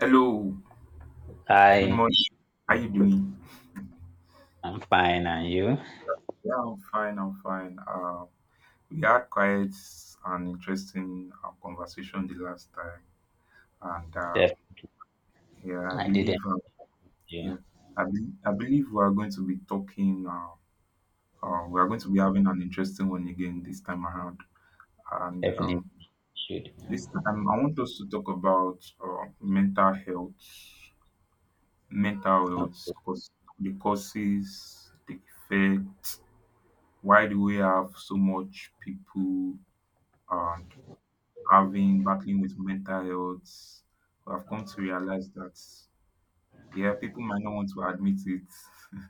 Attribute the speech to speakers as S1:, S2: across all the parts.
S1: Hello, good
S2: Hi,
S1: morning. How you doing?
S2: I'm fine, and you?
S1: Yeah, I'm fine. We had quite an interesting conversation the last time, and
S2: Def-
S1: yeah, I
S2: I
S1: believe
S2: didn't. You
S1: yeah, I believe we are going to be talking. We are going to be having an interesting one again this time around, and
S2: definitely
S1: um,
S2: should.
S1: this time I want us to talk about mental
S2: Oh,
S1: health, cause the causes, the effects, why do we have so much people and having battling with mental health. We have come to realize that yeah, people might not want to admit it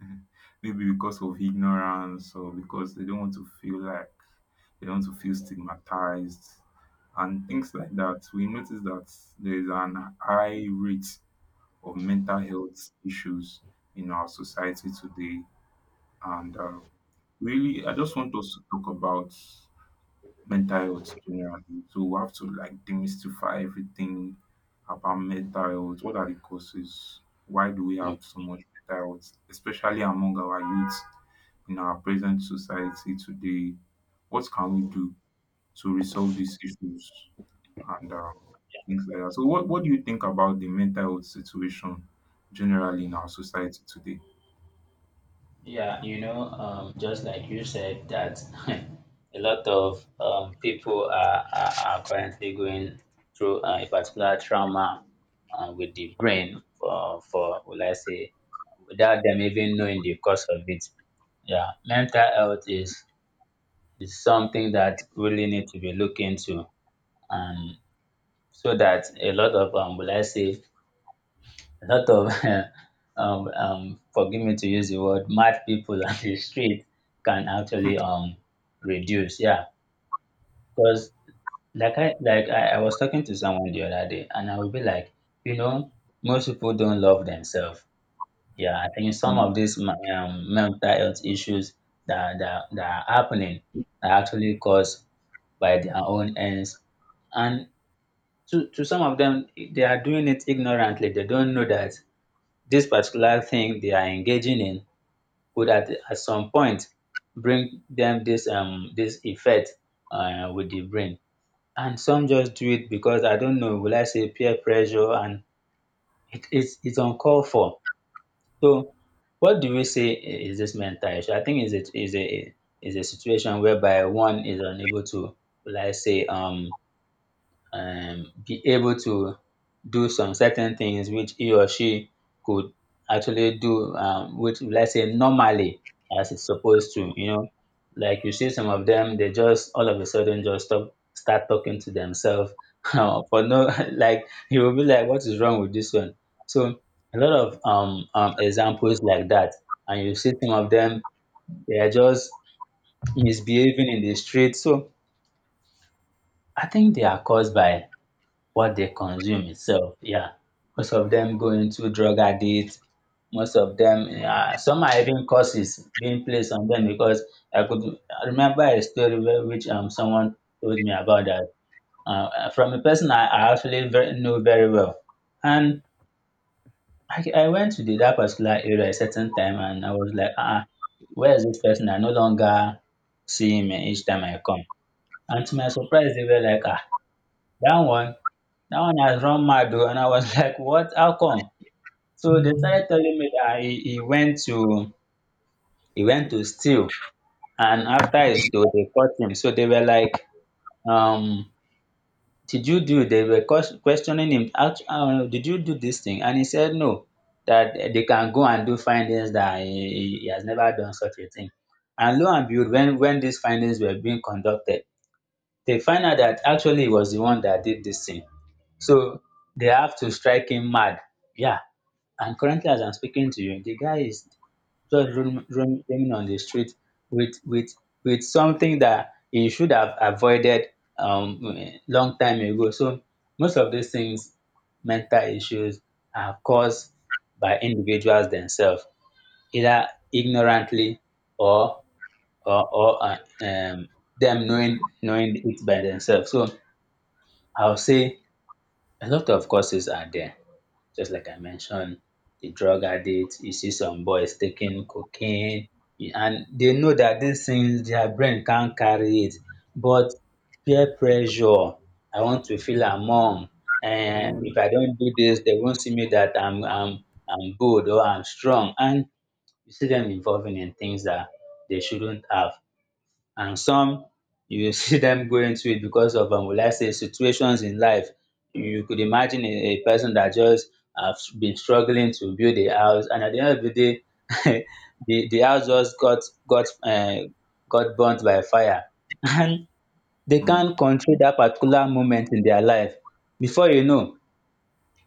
S1: maybe because of ignorance or because they don't want to feel like they don't want to feel stigmatized and things like that. We notice that there is an high rate of mental health issues in our society today, and really I just want us to talk about mental health generally. So we have to like demystify everything about mental health. What are the causes? Why do we have
S2: oh.
S1: so much mental health, especially among our youth in our present society today? What can we do to resolve these issues and things like that? So, what do you think about the mental health situation generally in our society today?
S2: Just like you said, that a lot of people are currently going through a particular trauma with the brain will I say, without them even knowing the cause of it. Yeah, mental health is something that really need to be looked into, and so that a lot of will I say a lot of forgive me to use the word, mad people on the street can actually reduce. Yeah, because I was talking to someone the other day, and I would be like, you know, most people don't love themselves. Yeah, I think some
S1: Mm,
S2: of these mental health issues that are happening are actually caused by their own ends and to some of them, they are doing it ignorantly. They don't know that this particular thing they are engaging in could at some point bring them this this effect with the brain. And some just do it because I don't know, will I say peer pressure. And it's uncalled for. So what do we say? Is this mental issue, I think, is a situation whereby one is unable to, will I say be able to do some certain things which he or she could actually do, which, let's say, normally as it's supposed to, you know, like you see some of them, they just all of a sudden just start talking to themselves for no, like you will be like, what is wrong with this one? So a lot of examples like that, and you see some of them, they are just misbehaving in the street. So I think they are caused by what they consume itself, yeah. Most of them go into drug addicts. Most of them, yeah, some are even curses being placed on them. Because I could, I remember a story where which, um, someone told me about, that from a person I actually very, know very well. And I went to the, that particular area a certain time, and I was like, ah, where is this person? I no longer see him each time I come. And to my surprise, they were like, ah, that one that one has run mad, oh. And I was like, what, how come? So they started telling me that he went to, he went to steal. And after he stole, they caught him. So they were like, um, did you do, they were questioning him, how, um, did you do this thing? And he said no. That they can go and do findings, that he has never done such a thing. And lo and behold, when these findings were being conducted, they find out that actually he was the one that did this thing. So they have to strike him mad. Yeah. And currently, as I'm speaking to you, the guy is just roaming on the street with with with something that he should have avoided, long time ago. So most of these things, mental issues, are caused by individuals themselves, either ignorantly or or or uh, um them knowing it by themselves. So I'll say a lot of causes are there. Just like I mentioned, the drug addict, you see some boys taking cocaine, and they know that these things, their brain can't carry it. But peer pressure, I want to feel among, and if I don't do this, they won't see me that I'm good or I'm strong. And you see them involving in things that they shouldn't have. And some, you will see them go into it because of, um, will I say situations in life. You could imagine a person that just have been struggling to build a house, and at the end of the day the house just got uh, got burnt by fire and they
S1: mm.
S2: can't control that particular moment in their life. Before you know,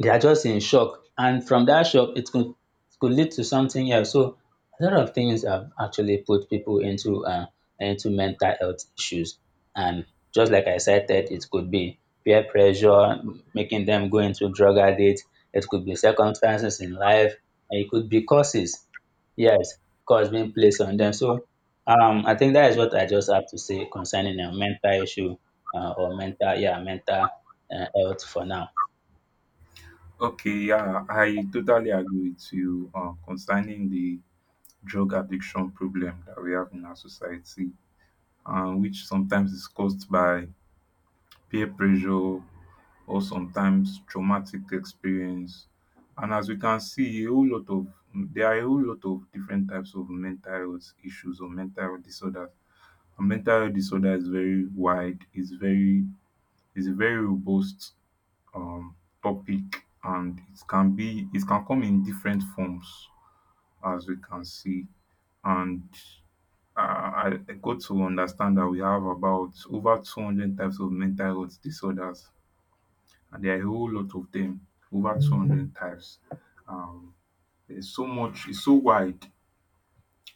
S2: they are just in shock. And from that shock, it could lead to something else. So a lot of things have actually put people into mental health issues. And just like I cited, it could be peer pressure making them go into drug addict. It could be circumstances in life, and it could be causes. Yes, cause being placed on them. So, I think that is what I just have to say concerning a mental issue, yeah, mental health for now.
S1: Okay, yeah, I totally agree with you concerning the drug addiction problem that we have in our society, and which sometimes is caused by peer pressure or sometimes traumatic experience. And as we can see, a whole lot of there are a whole lot of different types of mental health issues or mental health disorders. And mental health disorder is very wide. It's a very robust um, topic, and it can come in different forms, as we can see, and I got to understand that we have about over 200 types of mental health disorders, and there are a whole lot of them, over 200 types. Um, there's so much, it's so wide,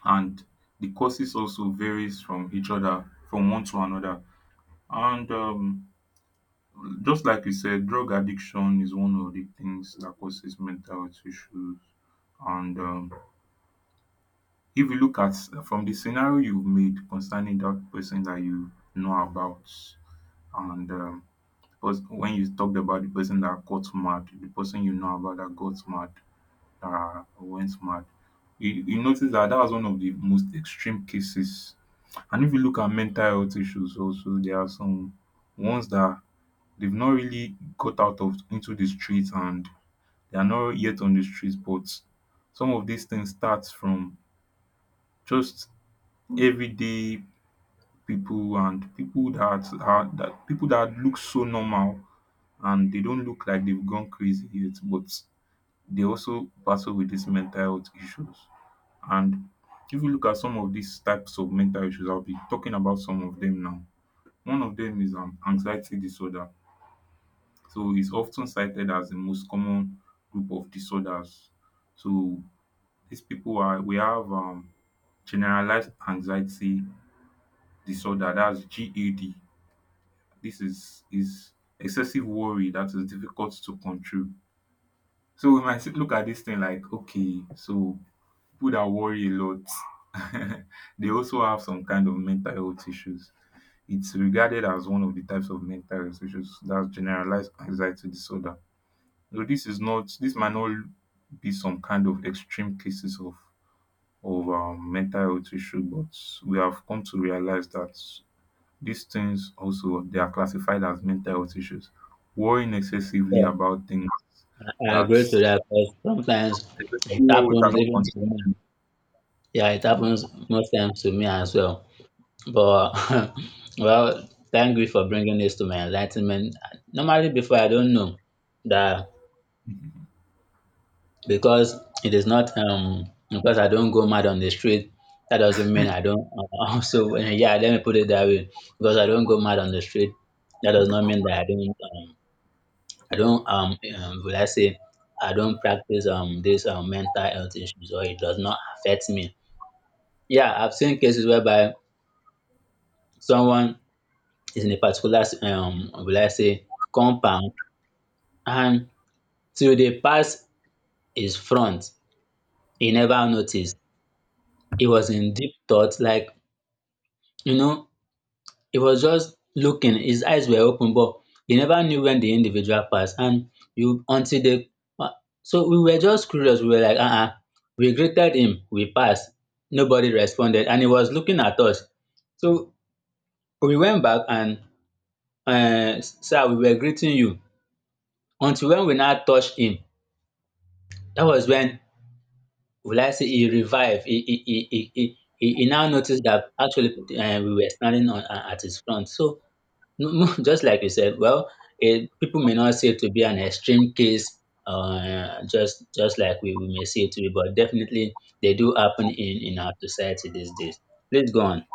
S1: and the causes also varies from each other, from one to another. And Just like you said, drug addiction is one of the things that causes mental health issues, and if you look at from the scenario you've made concerning that person that you know about and because when you talked about the person that got mad, the person you know about that got mad that went mad, you notice that that was one of the most extreme cases. And if you look at mental health issues also, there are some ones that they've not really got out of into the streets, and they are not yet on the streets, but some of these things start from just everyday people, and people that look so normal and they don't look like they've gone crazy yet, but they also battle with these mental health issues. And if you look at some of these types of mental issues, I'll be talking about some of them now. One of them is anxiety disorder. So it's often cited as the most common group of disorders. So these people are we have generalized anxiety disorder, that's GAD. This is excessive worry that is difficult to control. So we might look at this thing like, okay, so people that worry a lot, they also have some kind of mental health issues. It's regarded as one of the types of mental health issues, that's generalized anxiety disorder. So this might not be some kind of extreme cases of mental health issue, but we have come to realize that these things also, they are classified as mental health issues. Worrying excessively about things
S2: I
S1: that,
S2: agree to
S1: especially
S2: that, because sometimes it
S1: what we
S2: happens
S1: cannot
S2: even to
S1: control
S2: me.
S1: them.
S2: Yeah, it
S1: Yeah.
S2: happens most times to me as well. But well, thank you for bringing this to my enlightenment. Normally, before, I don't know that,
S1: Mhm.
S2: because it is not, um, because I don't go mad on the street. That doesn't mean I don't. Also, yeah, let me put it that way. Because I don't go mad on the street, that does not mean that I don't. I don't, will I say I don't practice this mental health issues, or it does not affect me. Yeah, I've seen cases whereby someone is in a particular, um, will I say compound, and till they pass his front, he never noticed. He was in deep thought, like, you know, he was just looking, his eyes were open, but he never knew when the individual passed. And you until they uh, so we were just curious. We were like, uh-uh. We greeted him, we passed, nobody responded, and he was looking at us. So we went back and, sir, we were greeting you, until when we now touched him. That was when, will I say, he revived. He now noticed that actually, we were standing on, at his front. So no, no, just like you said, well, it, people may not see it to be an extreme case, just like we may see it to be, but definitely they do happen in our society these days. Please go on.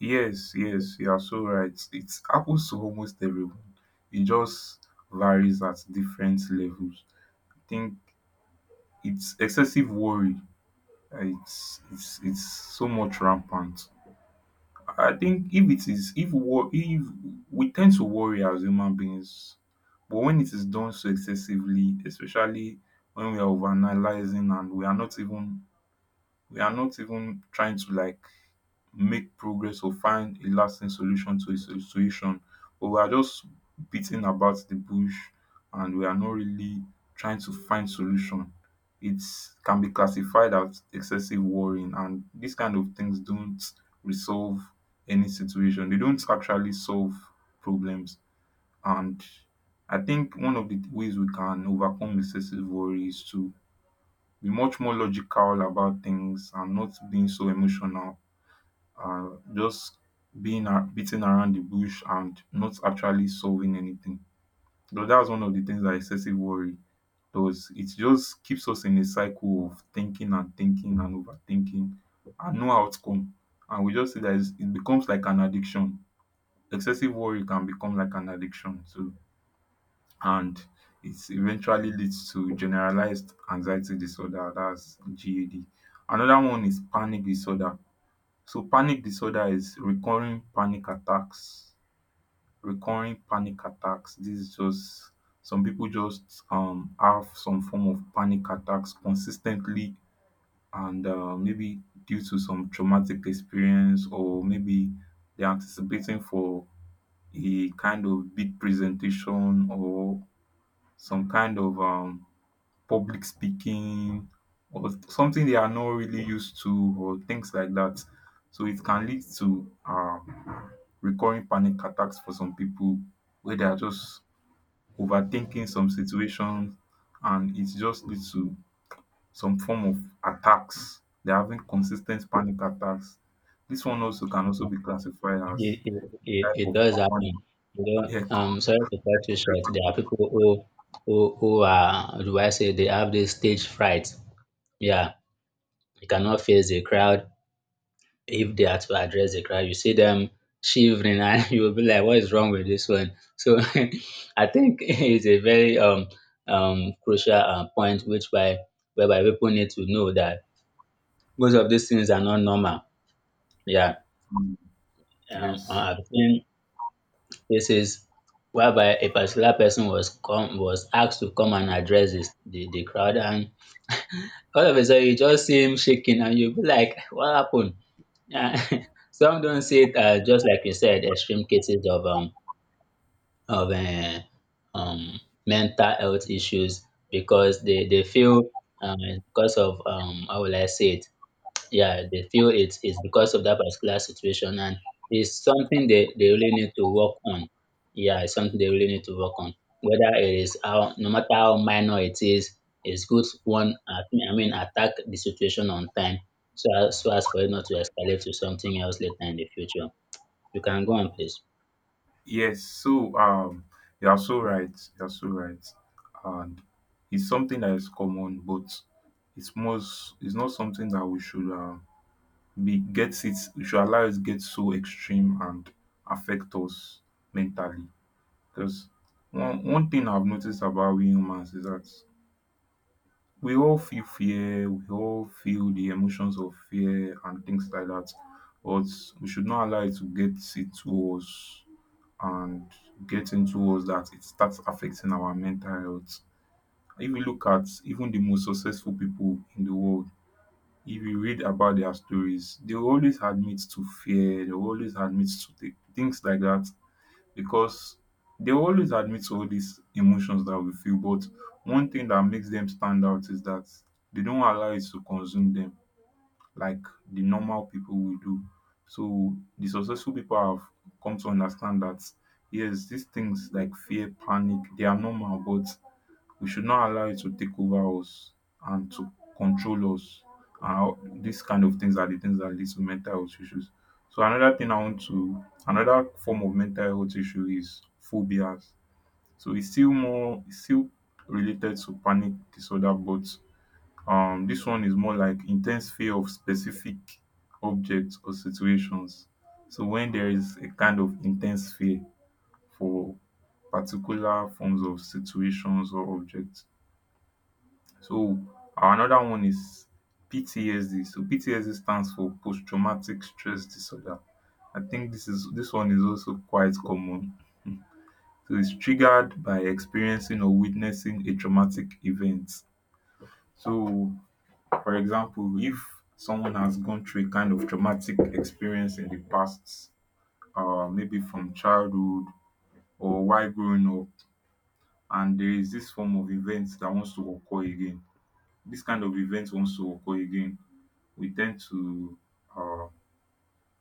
S1: Yes, yes, you are so right. It happens to almost everyone. It just varies at different levels. I think it's excessive worry. It's it's so much rampant. I think if it is if war if we tend to worry as human beings, but when it is done so excessively, especially when we are overanalyzing, and we are not even trying to like make progress or find a lasting solution to a situation, but we are just beating about the bush and we are not really trying to find solution, it can be classified as excessive worrying. And these kind of things don't resolve any situation, they don't actually solve problems. And I think one of the ways we can overcome excessive worry is to be much more logical about things and not being so emotional, just beating around the bush and not actually solving anything. So that's one of the things that excessive worry does. It just keeps us in a cycle of thinking and thinking and overthinking and no outcome. And we just see that it becomes like an addiction. Excessive worry can become like an addiction too, and it eventually leads to generalized anxiety disorder. That's GAD. Another one is panic disorder. So panic disorder is recurring panic attacks, recurring panic attacks. This is just some people just have some form of panic attacks consistently, and maybe due to some traumatic experience, or maybe they're anticipating for a kind of big presentation or some kind of public speaking or something they are not really used to or things like that. So it can lead to recurring panic attacks for some people where they are just overthinking some situations and it just leads to some form of attacks. They're having consistent panic attacks. This one also can also be classified as type
S2: It
S1: of
S2: does
S1: common,
S2: happen. You know,
S1: yeah,
S2: sorry to cut you short. There are
S1: complex.
S2: people who are, how do I say, they have this stage fright. Yeah, they cannot face the crowd. If they are to address the crowd, you see them shivering, and you will be like, what is wrong with this one? So I think it's a very crucial point whereby people need to know that most of these things are not normal. Yeah.
S1: Yes.
S2: I've seen cases whereby a particular person was was asked to come and address the crowd, and all of a sudden you just see him shaking, and you'll be like, what happened? Yeah, some don't see it as, just like you said, extreme cases of, of uh, um mental health issues, because they feel, um because of, um, how will I say it, yeah, they feel it's because of that particular situation. And it's something they really need to work on. Yeah, it's something they really need to work on. Whether it is how, no matter how minor it is, it's good one, I mean, attack the situation on time, so as for it not to escalate to something else later in the future. You can go on, please.
S1: Yes. So you are so right. You're so right. And it's something that is common, but it's not something that we should be get it we should allow it get so extreme and affect us mentally. Because one thing I've noticed about we humans is that we all feel fear, we all feel the emotions of fear and things like that. But we should not allow it to get it to us and getting towards that it starts affecting our mental health. If you look at even the most successful people in the world, if you read about their stories, they will always admit to fear, they will always admit to things like that because they will always admit to all these emotions that we feel. But one thing that makes them stand out is that they don't allow it to consume them like the normal people will do. So the successful people have come to understand that yes, these things like fear, panic, they are normal, but we should not allow it to take over us and to control us. And these kind of things are the things that lead to mental health issues. So another thing I want to another form of mental health issue is phobias. So it's still related to panic disorder, but dis one is more like intense fear of specific objects or situations. So when there is a kind of intense fear for particular forms of situations or objects. So another one is PTSD. So PTSD stands for post traumatic stress disorder. I think this is this one is also quite common. So its triggered by experiencing or witnessing a traumatic event. So for example, if someone has gone through a kind of traumatic experience in the past, maybe from childhood or while growing up, and there is this form of event that wants to occur again, this kind of event wants to occur again, we tend to uh,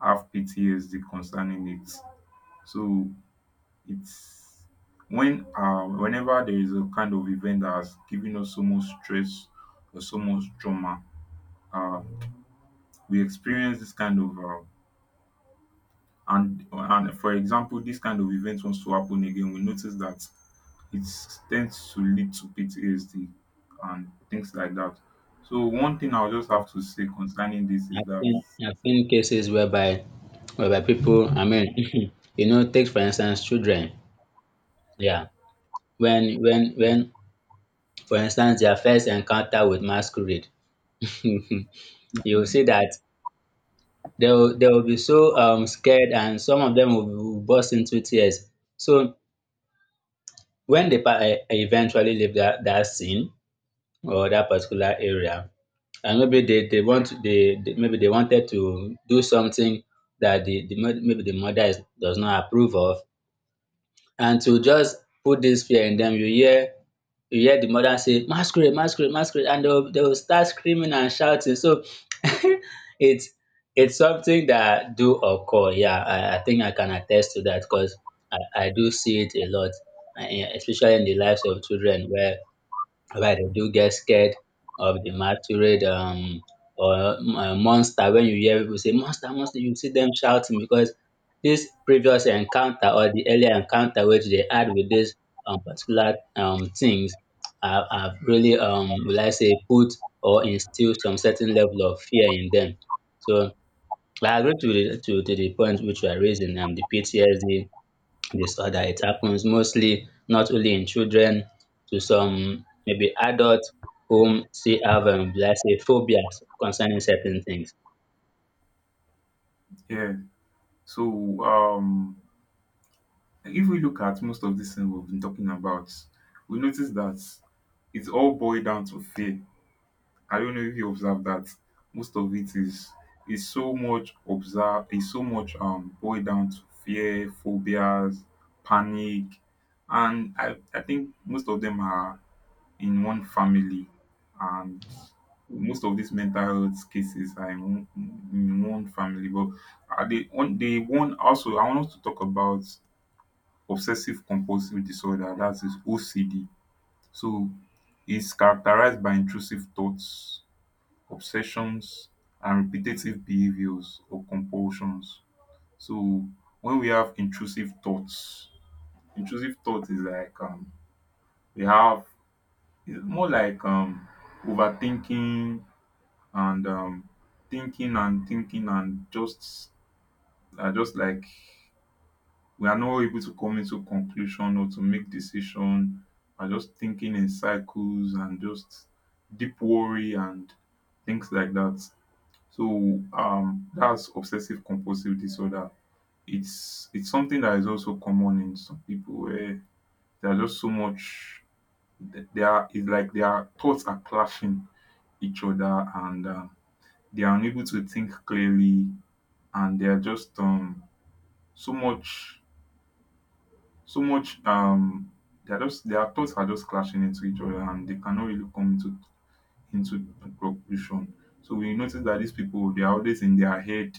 S1: have PTSD concerning it. So it's when whenever there is a kind of event that has given us so much stress or so much trauma, uh, we experience this kind of and for example this kind of event wants to happen again, we notice that it tends to lead to PTSD and things like that. So one thing I'll just have to say concerning this is that
S2: I've seen cases whereby people, I mean, you know, take for instance children. Yeah. When, for instance, their first encounter with masquerade, you will see that they will be so, um, scared, and some of them will burst into tears. So when they eventually leave that scene or that particular area, and maybe they want to, they wanted to do something that the, mo- maybe the mother is, does not approve of. And to just put this fear in them, you hear, you hear the mother say masquerade, masquerade, masquerade, and they will start screaming and shouting. So it's it's something that do occur. Yeah, I think I can attest to that, because I, I do see it a lot, yeah, especially in the lives of children whereby they do get scared of the masquerade, or monster. When you hear people say monster, monster, you see them shouting because this previous encounter or the earlier encounter which they had with this particular things have really, will I say, put or instill some certain level of fear in them. So I agree to to the point which you are raising, the PTSD disorder. It happens mostly not only in children, to some maybe adults whom still have let's say phobias concerning certain things.
S1: yeah. So if we look at most of these things we've been talking about, we notice that it's all boiled down to fear. I don't know if you observe that most of it is so much observe is so much boiled down to fear, phobias, panic, and I think most of them are in one family, and most of these mental health cases are in one family. But are they one also I want us to talk about obsessive compulsive disorder, that is OCD. So it's characterized by intrusive thoughts, obsessions, and repetitive behaviors or compulsions. So when we have intrusive thoughts, intrusive thought is like we have, it's more like overthinking and thinking and thinking, and just are just like we are not able to come into conclusion or to make decision, are just thinking in cycles and just deep worry and things like that. That's obsessive compulsive disorder. It's something that is also common in some people where there are just so much, they are, it's like their thoughts are clashing each other, and they are unable to think clearly, and they are just so much, so much, they are just, their thoughts are just clashing into each other and they cannot really come into conclusion. So we notice that these people, they are always in their head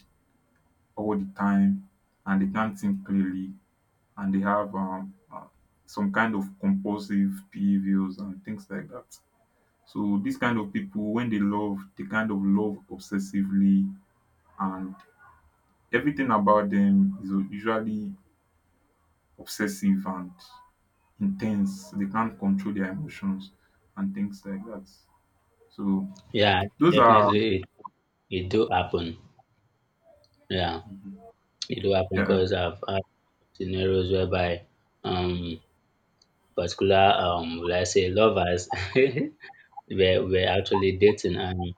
S1: all the time, and they can't think clearly, and they have some kind of compulsive behaviors and things like that. So these kind of people, when they love, they kind of love obsessively, and everything about them is usually obsessive and intense. They can't control their emotions and things like that. So
S2: Yeah,
S1: those are,
S2: definitely it do happen. Yeah,
S1: Mhm.
S2: it do happen
S1: Yeah.
S2: because I've had scenarios whereby um particular let's say lovers were actually dating and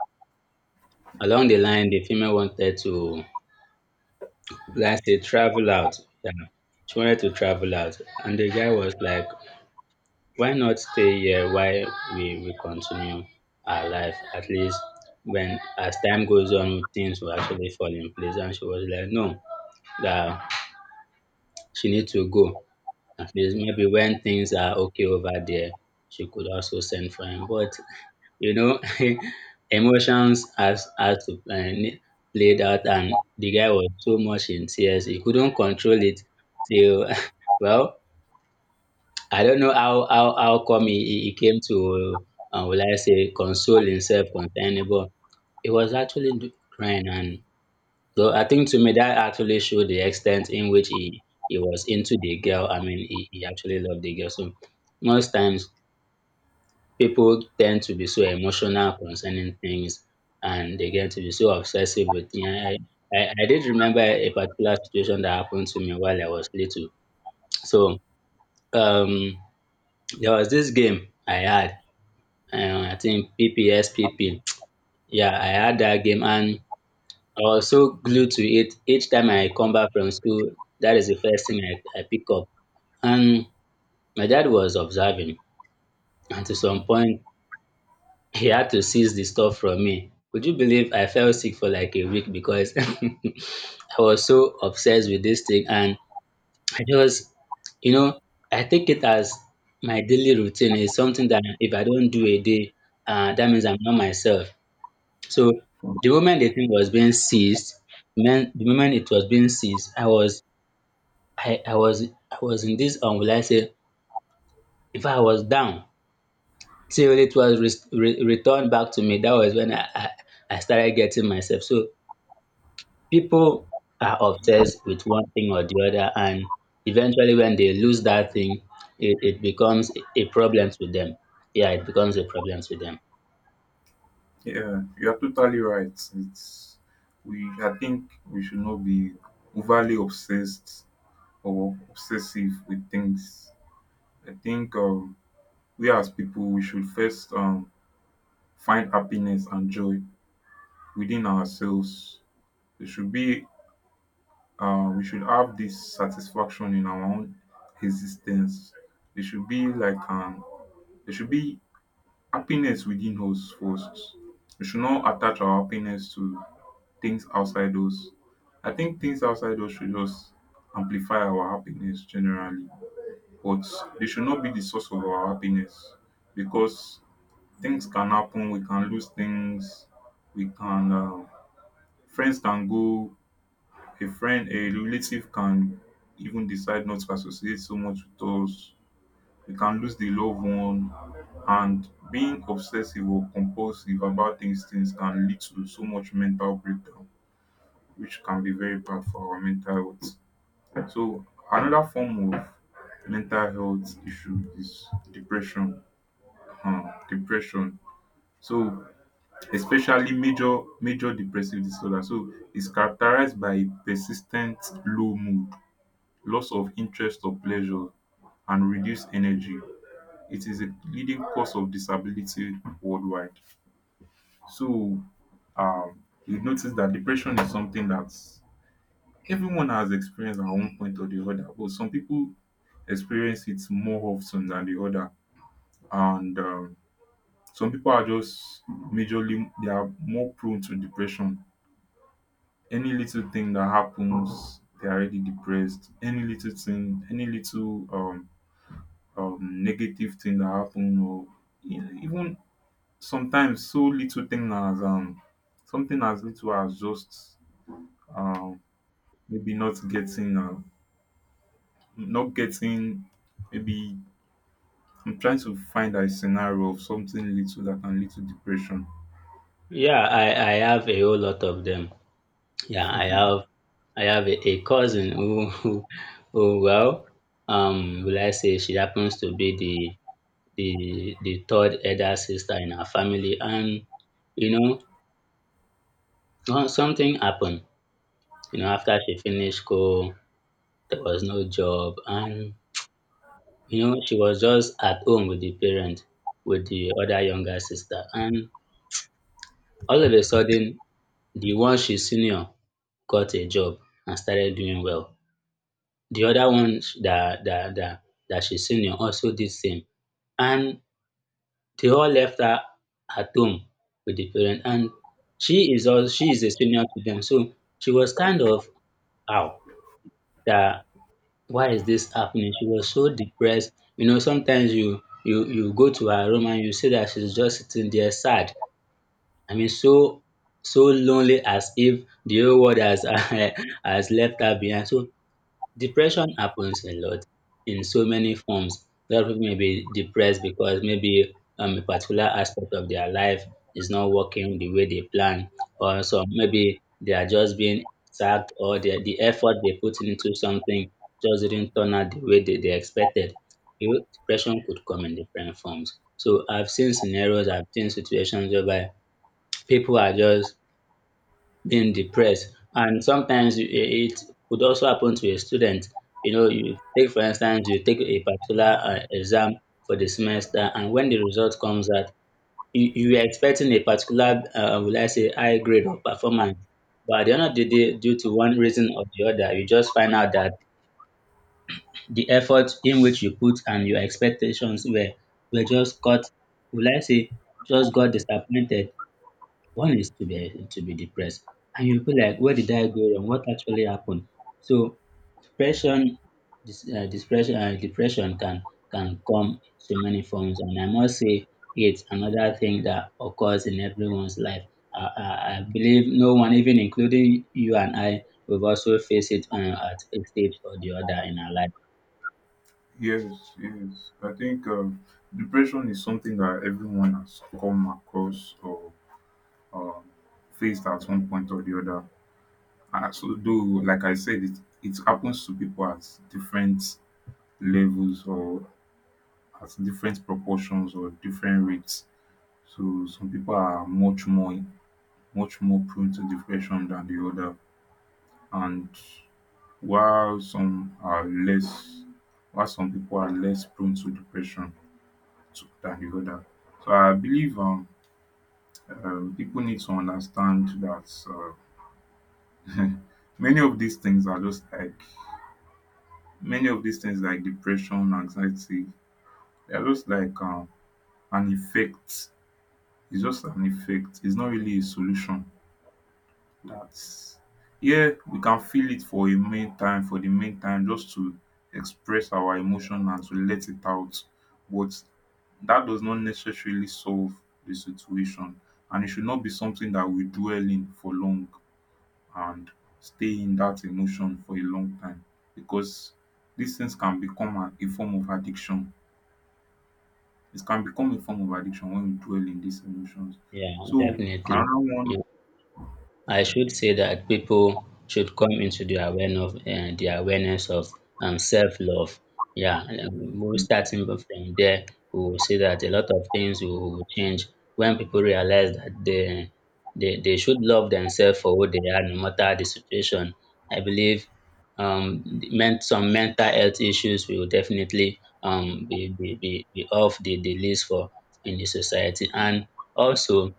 S2: along the line the female wanted to let's say travel out. Yeah, she wanted to travel out and the guy was like why not stay here while we continue our life? At least when as time goes on, things will actually fall in place. And she was like, no, that she needs to go. At least maybe when things are okay over there, she could also send for him. But you know, emotions has to play, played out, and the guy was so much in tears he couldn't control it till well I don't know how come he came to will I say console himself concerning, but he was actually crying, and so I think to me that actually showed the extent in which he was into the girl. I mean, he actually loved the girl. So most times people tend to be so emotional concerning things, and they get to be so obsessive with. Yeah, I did remember a particular situation that happened to me while I was little. So um, there was this game I had. I think PPSPP. Yeah, I had that game and I was so glued to it. Each time I come back from school, that is the first thing I pick up. And my dad was observing, and to some point, he had to seize the stuff from me. Would you believe I fell sick for like a week because I was so obsessed with this thing? And I just, you know, I take it as my daily routine is something that if I don't do a day, that means I'm not myself. So the moment the thing was being seized, meant the moment it was being seized, I was I was I was in this will I say if I was down till it was returned back to me. That was when I started getting myself. So people are obsessed with one thing or the other, and eventually when they lose that thing, it becomes a problem to them. Yeah, it becomes a problem to them.
S1: Yeah, you are totally right. It's, we, I think we should not be overly obsessed or obsessive with things. I think we as people, we should first find happiness and joy within ourselves. It should be, we should have this satisfaction in our own existence. There should be like there should be happiness within us first. We should not attach our happiness to things outside us. I think things outside us should just amplify our happiness generally, but they should not be the source of our happiness, because things can happen. We can lose things. We can, friends can go, a friend, a relative can even decide not to associate so much with us. We can lose the loved one, and being obsessive or compulsive about these things can lead to so much mental breakdown, which can be very bad for our mental health. So another form of mental health issue is depression. Depression. So, especially major major depressive disorder. So it's characterized by persistent low mood, loss of interest or pleasure, and reduced energy. It is a leading cause of disability worldwide. So you notice that depression is something that's, everyone has experienced at one point or the other, but some people experience it more often than the other. And some people are just majorly, they are more prone to depression. Any little thing that happens, they're already depressed. Any little thing, any little negative thing that happens, or even sometimes so little thing as something as little as just, um, maybe not getting, not getting, maybe, I'm trying to find a scenario of something little that can lead to depression.
S2: Yeah, I have a whole lot of them. Yeah, I have a cousin who, who well, will I say she happens to be the the third elder sister in her family, and you know, well, something happened. You know, after she finished school, there was no job, and you know, she was just at home with the parent, with the other younger sister, and all of a sudden, the one she's senior got a job and started doing well. The other one that that she's senior also did same. And they all left her at home with the parents. And she is also she is a senior to them. So she was kind of how that why is this happening? She was so depressed. You know, sometimes you go to her room and you see that she's just sitting there sad. I mean so so lonely as if the whole world has has left her behind. So depression happens a lot in so many forms. A lot of people may be depressed because maybe a particular aspect of their life is not working the way they plan, or so maybe they are just being sacked, or the effort they put into something just didn't turn out the way they expected. You know, depression could come in different forms. So I've seen scenarios, I've seen situations whereby people are just being depressed. And sometimes you- it could also happen to a student. You know, you take for instance, you take a particular exam for the semester, and when the result comes out, you are expecting a particular, will I say, high grade or performance. But at the end of the day, due to one reason or the other, you just find out that the effort in which you put and your expectations were just got, will I say, just got disappointed one is to be depressed, and you'll be like, where did I go wrong? What actually happened? So depression, depression can come in so many forms, and I must say it's another thing that occurs in everyone's life. I believe no one, even including you and I, we've also faced it at a stage or the other in our life.
S1: Yes, yes. I think depression is something that everyone has come across or um, faced at one point or the other. So, though, like I said, it happens to people at different levels or at different proportions or different rates. So, some people are much more, much more prone to depression than the other, and while some are less, while some people are less prone to depression to, than the other. So I believe people need to understand that many of these things are just like, many of these things like depression, anxiety. They are just like an effect. It's just an effect. It's not really a solution. That's, yeah, we can feel it for a meantime, for the meantime, just to express our emotion and to let it out. But that does not necessarily solve the situation. And it should not be something that we dwell in for long and stay in that emotion for a long time. Because these things can become a form of addiction. It can become a form of addiction when we dwell in these emotions.
S2: Yeah,
S1: So
S2: definitely.
S1: another one,
S2: I should say that people should come into the awareness of self-love. Yeah, we starting from there, we will see that a lot of things will change when people realize that they they should love themselves for who they are, no matter the situation. I believe um men some mental health issues will definitely be off the list for in the society and also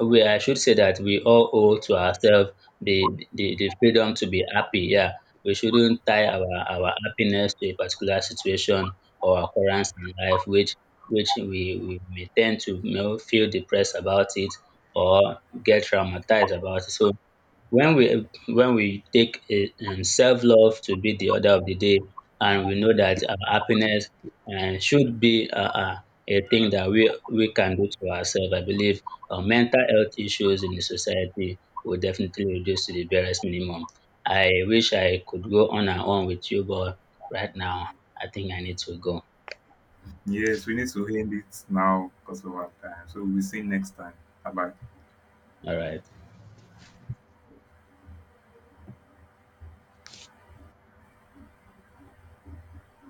S2: we I should say that we all owe to ourselves the freedom to be happy. Yeah, we shouldn't tie our happiness to a particular situation or occurrence in life, which we may tend to you know, feel depressed about it or get traumatized about it. So when we take a self-love to be the order of the day and we know that our happiness should be a thing that we can do to ourselves. I believe mental health issues in the society will definitely reduce to the barest minimum. I wish I could go on and on with you but right now I think I need to go.
S1: yes, we need to end it now because of our time. So we'll see you next time. Bye bye.
S2: All right.